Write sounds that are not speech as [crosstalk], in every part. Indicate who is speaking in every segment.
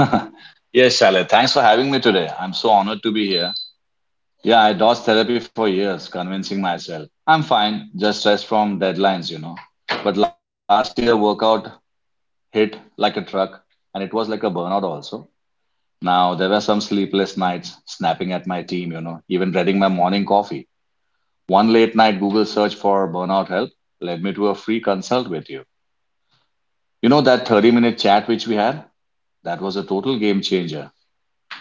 Speaker 1: [laughs] Yes, Shalit, thanks for having me today. I'm so honored to be here. Yeah, I dodged therapy for years, convincing myself I'm fine, just stressed from deadlines. But last year, workout hit like a truck, and it was like a burnout also. Now, there were some sleepless nights, snapping at my team, even dreading my morning coffee. One late night Google search for burnout help led me to a free consult with you. You know, that 30-minute chat which we had? That was a total game changer.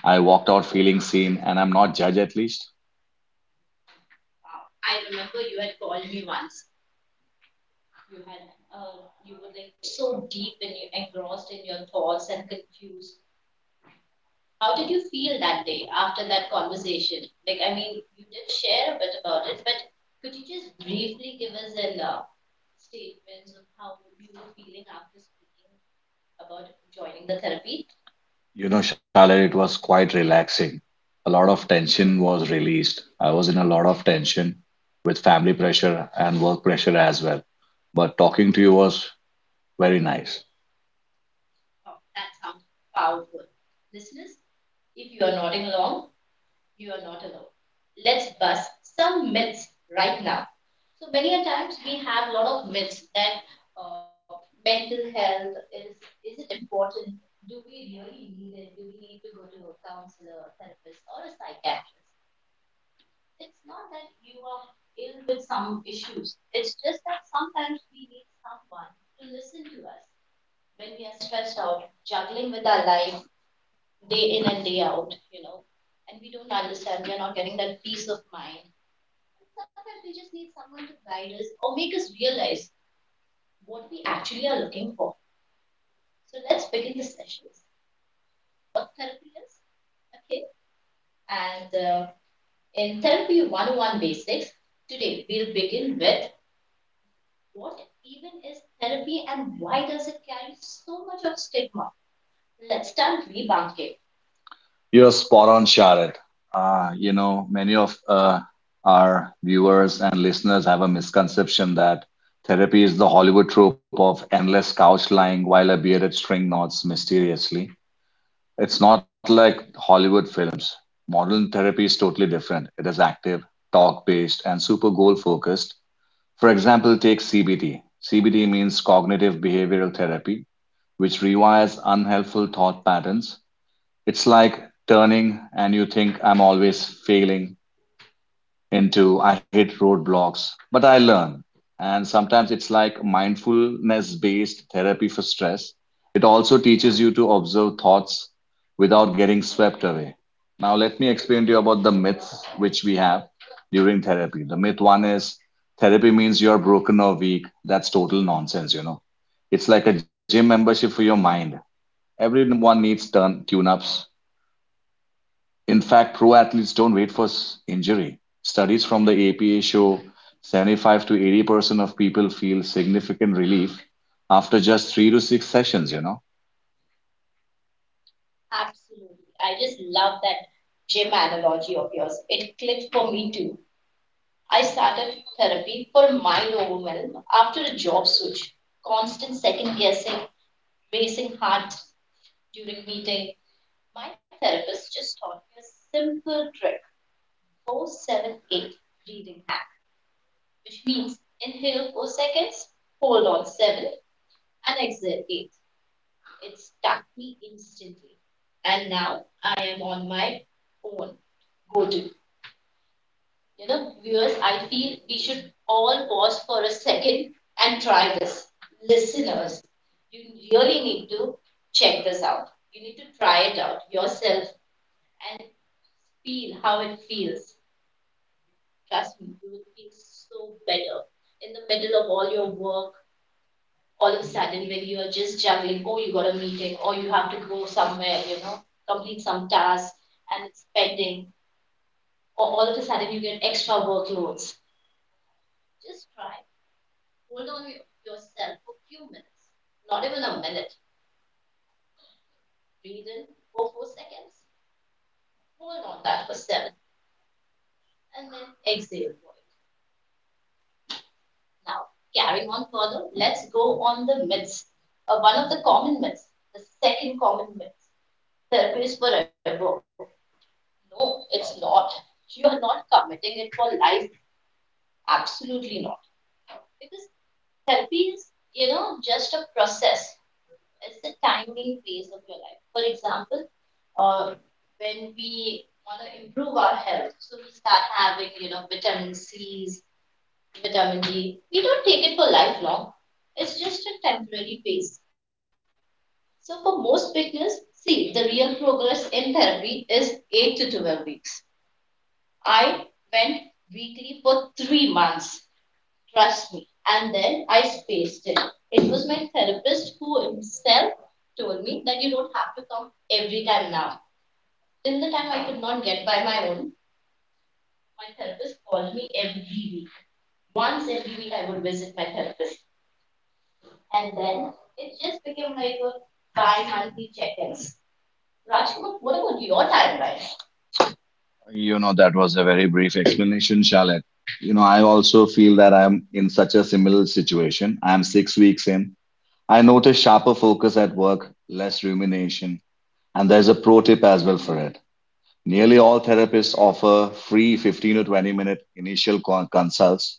Speaker 1: I walked out feeling seen, and I'm not judged at least. You know, Charlotte, it was quite relaxing. A lot of tension was released. I was in a lot of tension with family pressure and work pressure as well. But talking to you was very nice. You're spot on, Charlotte. You know, many of our viewers and listeners have a misconception that therapy is the Hollywood trope of endless couch lying while a bearded string nods mysteriously. It's not like Hollywood films. Modern therapy is totally different. It is active, talk-based, and super goal-focused. For example, take CBT. CBT means cognitive behavioral therapy, which rewires unhelpful thought patterns. It's like turning and you think I'm always failing into I hit roadblocks, but I learn. And sometimes it's like mindfulness based therapy for stress. It also teaches you to observe thoughts without getting swept away. Now, let me explain to you about the myths which we have during therapy. The myth one is therapy means you're broken or weak. That's total nonsense. It's like a gym membership for your mind. Everyone needs turn tune ups, in fact, pro athletes don't wait for injury. Studies from the APA show 75 to 80% of people feel significant relief after just three to six sessions. You know, that was a very brief explanation, Charlotte. You know, I also feel that I'm in such a similar situation. I'm 6 weeks in. I notice sharper focus at work, less rumination, and there's a pro tip as well for it. Nearly all therapists offer free 15 to 20 minute initial consults.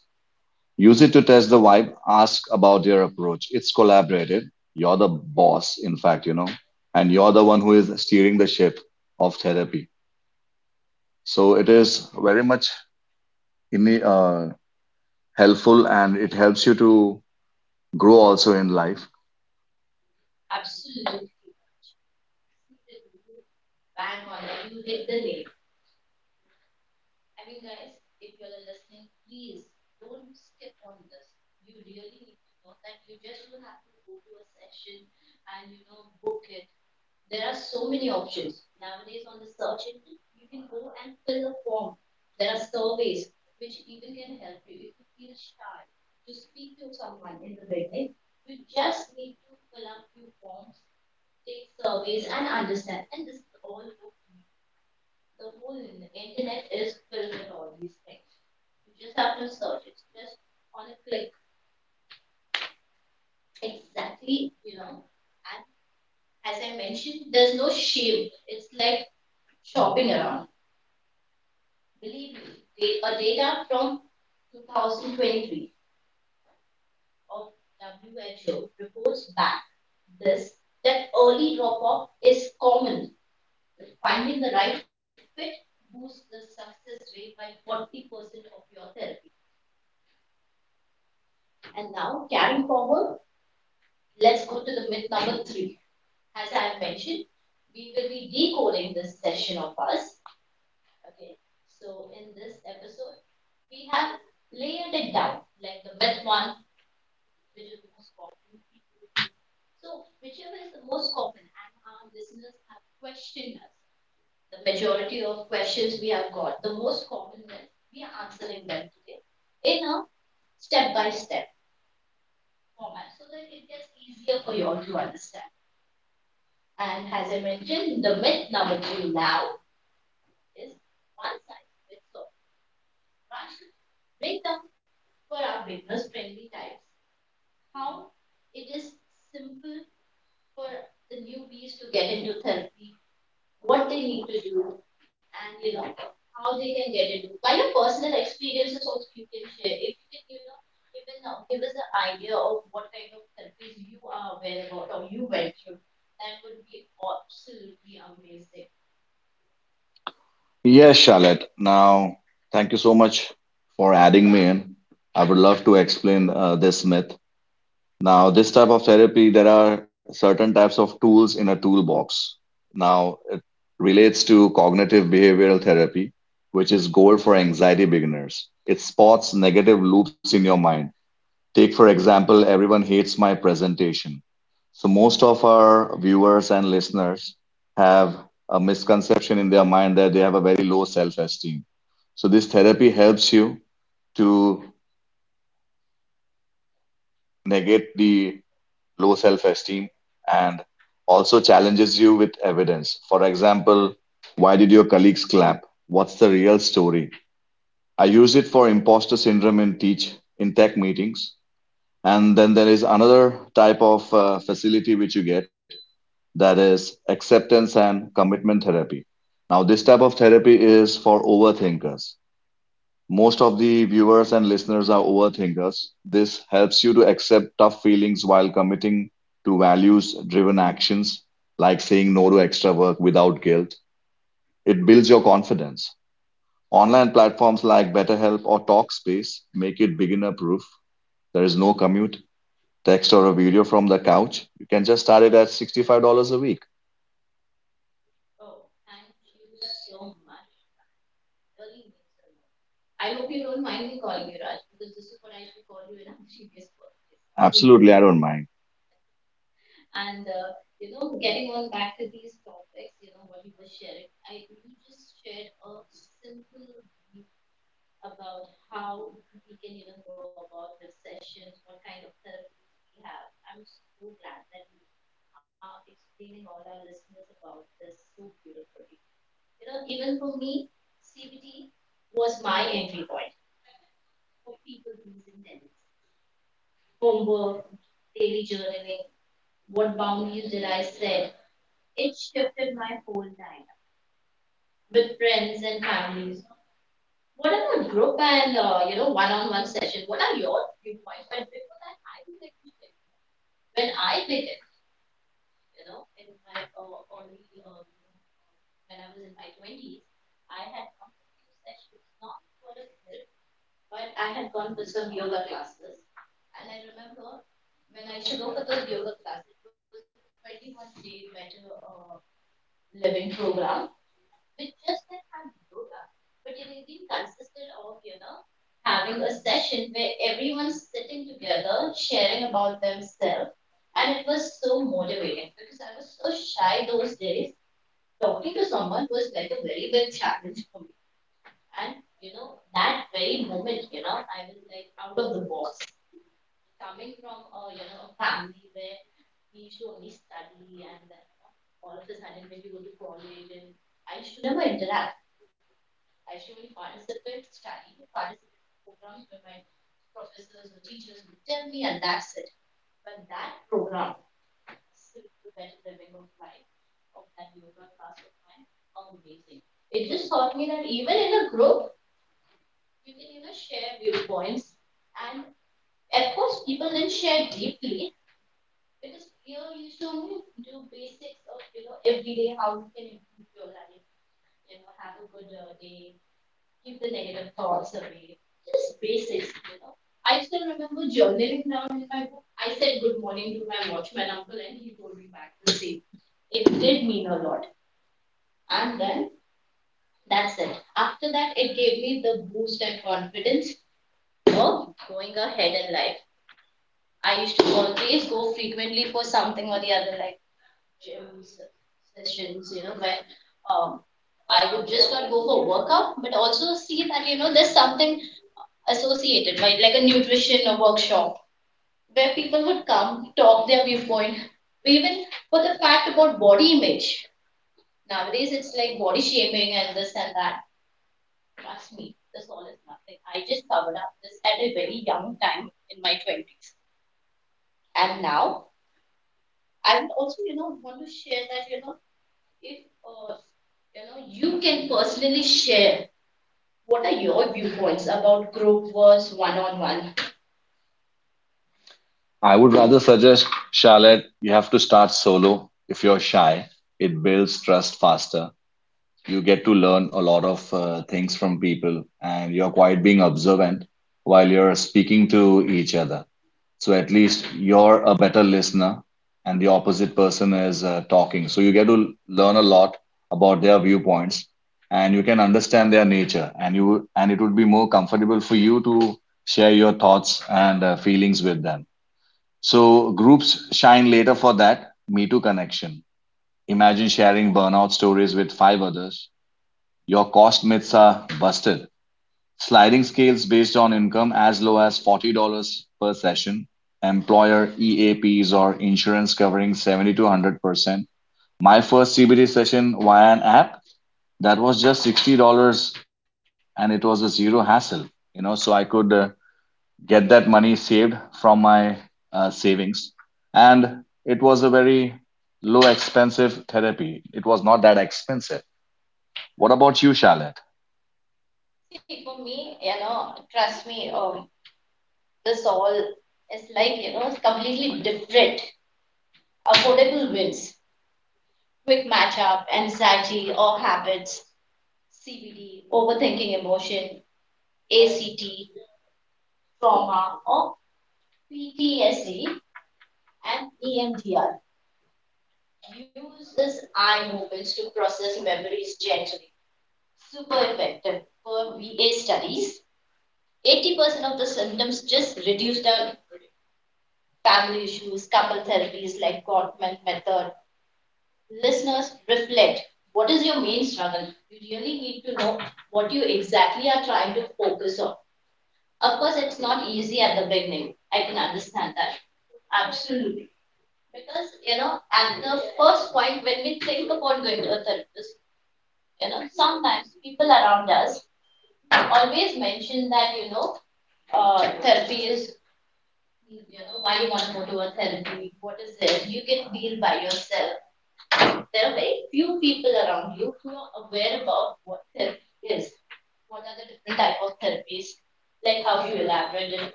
Speaker 1: Use it to test the vibe. Ask about your approach. It's collaborative. You're the boss, in fact, you know, and you're the one who is steering the ship of therapy. So it is very much in the, helpful, and it helps you to grow also in life. Yes, Charlotte. Now, thank you so much for adding me in. I would love to explain this myth. Now, this type of therapy, there are certain types of tools in a toolbox. Now, it relates to cognitive behavioral therapy, which is gold for anxiety beginners. It spots negative loops in your mind. Take, for example, everyone hates my presentation. So, most of our viewers and listeners have a misconception in their mind that they have a very low self-esteem. So, this therapy helps you to negate the low self-esteem, and also challenges you with evidence. For example, why did your colleagues clap? What's the real story? I use it for imposter syndrome in teach in tech meetings. And then there is another type of facility which you get, that is acceptance and commitment therapy. Now, this type of therapy is for overthinkers. Most of the viewers and listeners are overthinkers. This helps you to accept tough feelings while committing to values-driven actions, like saying no to extra work without guilt. It builds your confidence. Online platforms like BetterHelp or Talkspace make it beginner-proof. There is no commute, text, or a video from the couch. You can just start it at $65 a week. Absolutely, I don't mind. I would rather suggest, Charlotte, you have to start solo if you're shy. It builds trust faster. You get to learn a lot of things from people, and you're quite being observant while you're speaking to each other. So at least you're a better listener, and the opposite person is talking. So you get to learn a lot about their viewpoints, and you can understand their nature, and you and it would be more comfortable for you to share your thoughts and feelings with them. So groups shine later for that Me Too connection. Imagine sharing burnout stories with five others. Your cost myths are busted. Sliding scales based on income as low as $40 per session. Employer EAPs or insurance covering 70 to 100%. My first CBD session via an app, that was just $60, and it was a zero hassle. You know, so I could get that money saved from my savings. And it was a very low expensive therapy. It was not that expensive. What about you, Charlotte?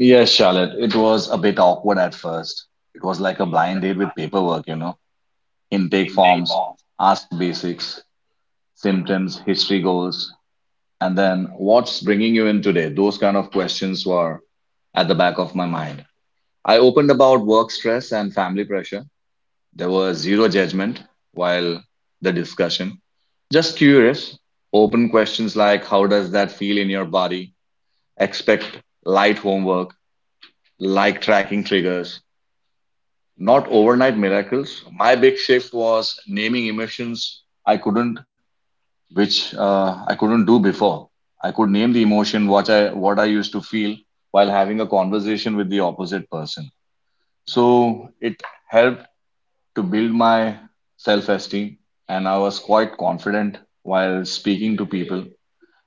Speaker 1: Yes, Charlotte. It was a bit awkward at first. It was like a
Speaker 2: Like,
Speaker 1: blind date with paperwork, you know,
Speaker 2: in
Speaker 1: intake
Speaker 2: day form.
Speaker 1: forms, ask basics, symptoms, history goals, and then what's bringing you in today? Those kind of questions were at the back of my mind. I opened about work stress and family pressure. There was zero judgment while the discussion, just curious, open questions like how does that feel in your body? Expect light homework, like tracking triggers, not overnight miracles. My big shift was naming emotions I couldn't, which I couldn't do before. I could name the emotion what I used to feel while having a conversation with the opposite person. So it helped to build my self esteem. And I was quite confident while speaking to people.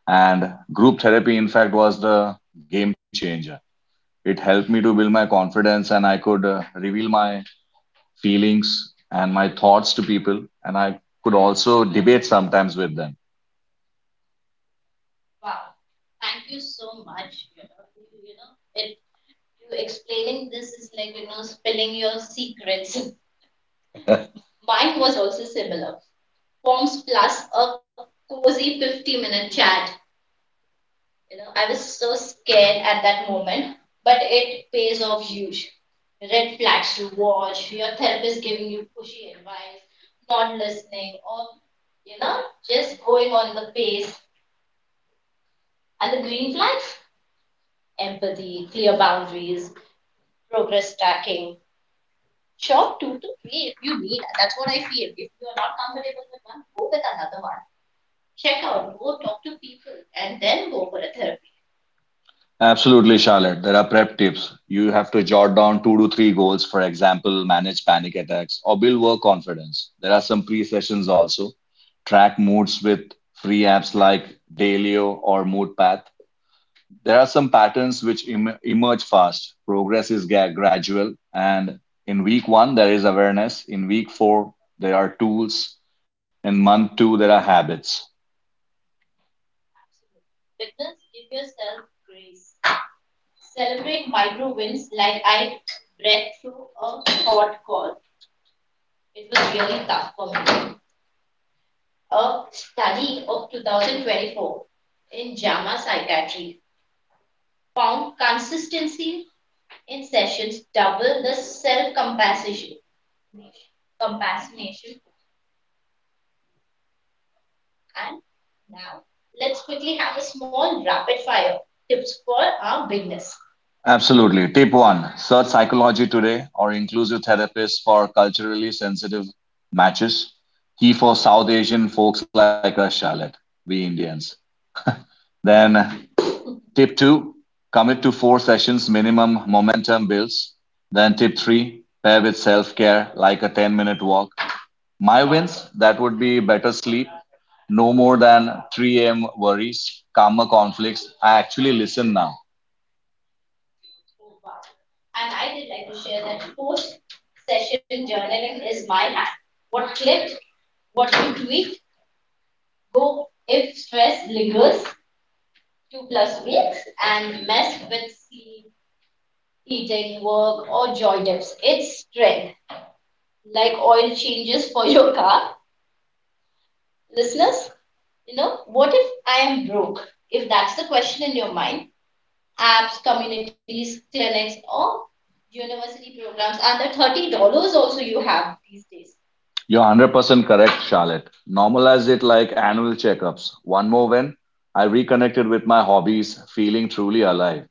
Speaker 1: And group therapy, in fact, was the game changer. It helped me to build my confidence, and I could reveal my feelings and my thoughts to people. And I could also debate sometimes with them. Absolutely, Charlotte. There are prep tips. You have to jot down two to three goals, for example, manage panic attacks or build work confidence. There are some pre sessions also. Track moods with free apps like Dalio or Moodpath. There are some patterns which emerge fast. Progress is gradual. And in week one, there is awareness. In week four, there are tools. In month two, there are habits. Absolutely. Tip one, search psychology today or inclusive therapists for culturally sensitive matches. Key for South Asian folks like us, Charlotte, we Indians. Then tip two, commit to four sessions minimum momentum builds. Then tip three, pair with self-care like a 10-minute walk. My wins, that would be better sleep, no more than 3 a.m. worries, calmer conflicts. I actually listen now. You're 100% correct, Charlotte. Normalize it like annual checkups. One more win, I reconnected with my hobbies, feeling truly alive.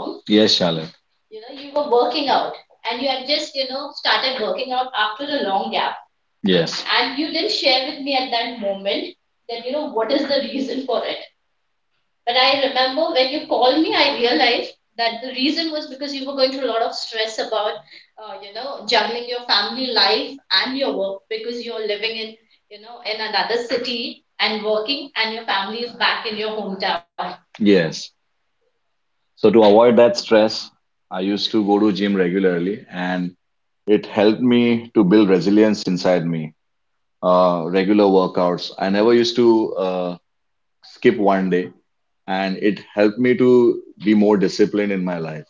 Speaker 1: Yes, Charlotte. Yes, yes. So to avoid that stress, I used to go to gym regularly, and it helped me to build resilience inside me. Regular workouts. I never used to skip one day, and it helped me to be more disciplined in my life.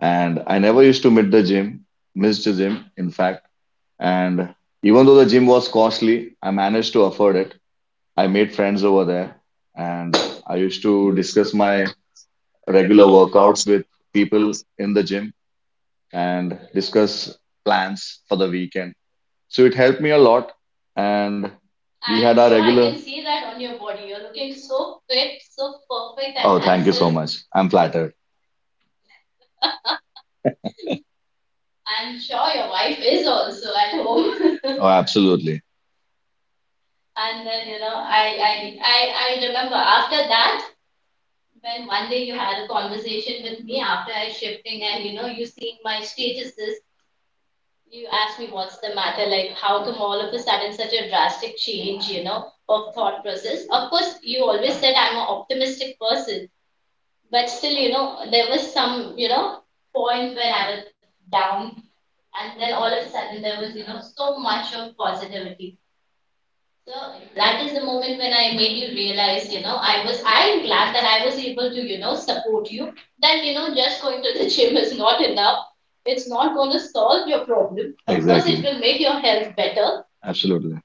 Speaker 1: And I never used to miss the gym, in fact. And even though the gym was costly, I managed to afford it. I made friends over there, and I used to
Speaker 2: This is
Speaker 1: discuss
Speaker 2: my
Speaker 1: my regular
Speaker 2: regular
Speaker 1: workouts
Speaker 2: workouts.
Speaker 1: with people in the gym, and discuss plans for the weekend. So it helped me a lot. And we had our regular. Oh, thank you so much. I'm flattered. Oh, [laughs] absolutely. Exactly. Absolutely.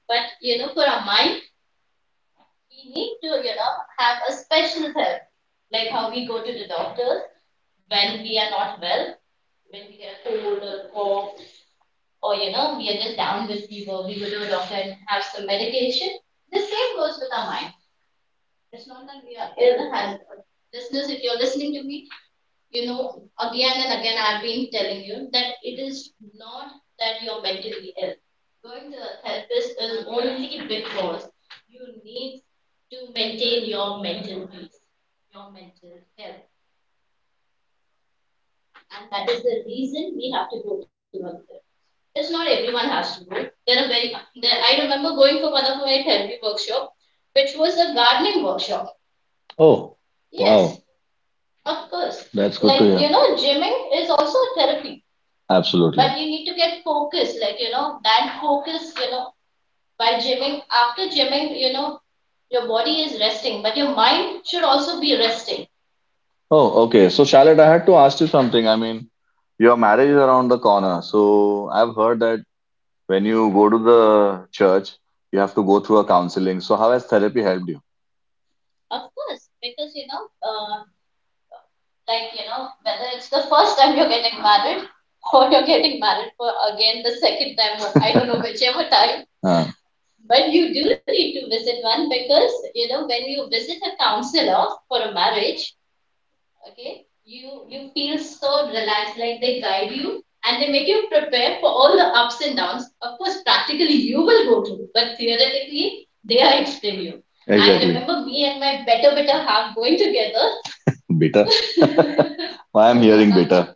Speaker 1: Oh, wow. That's good to. Absolutely. Oh, okay. So, Charlotte, I had to ask you something. I mean, your marriage is around the corner. So, I've heard that when you go to the church, you have to go through a counseling. So, how has therapy helped you? Huh, I exactly. Bitter. Why I'm No, hearing bitter.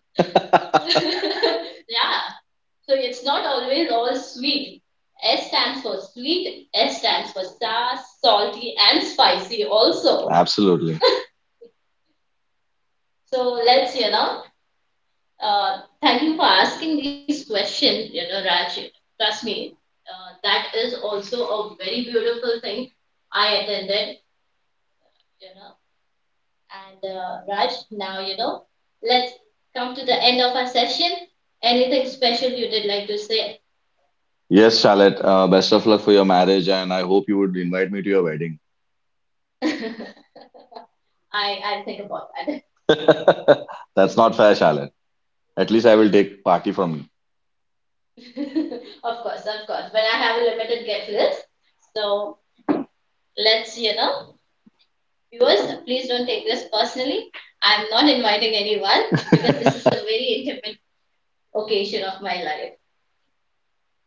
Speaker 1: Yes, Charlotte, best of luck for your marriage, and I hope you would invite me to your wedding. [laughs] That's not fair, Charlotte. At least I will take party from you.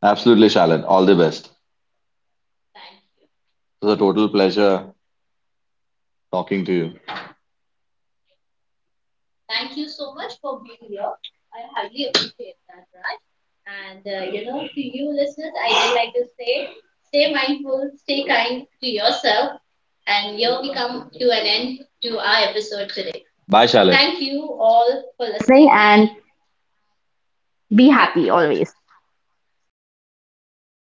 Speaker 1: Absolutely, Charlotte. All the best. It was a total pleasure talking to you. Bye, Charlotte.
Speaker 2: Listening and be happy always.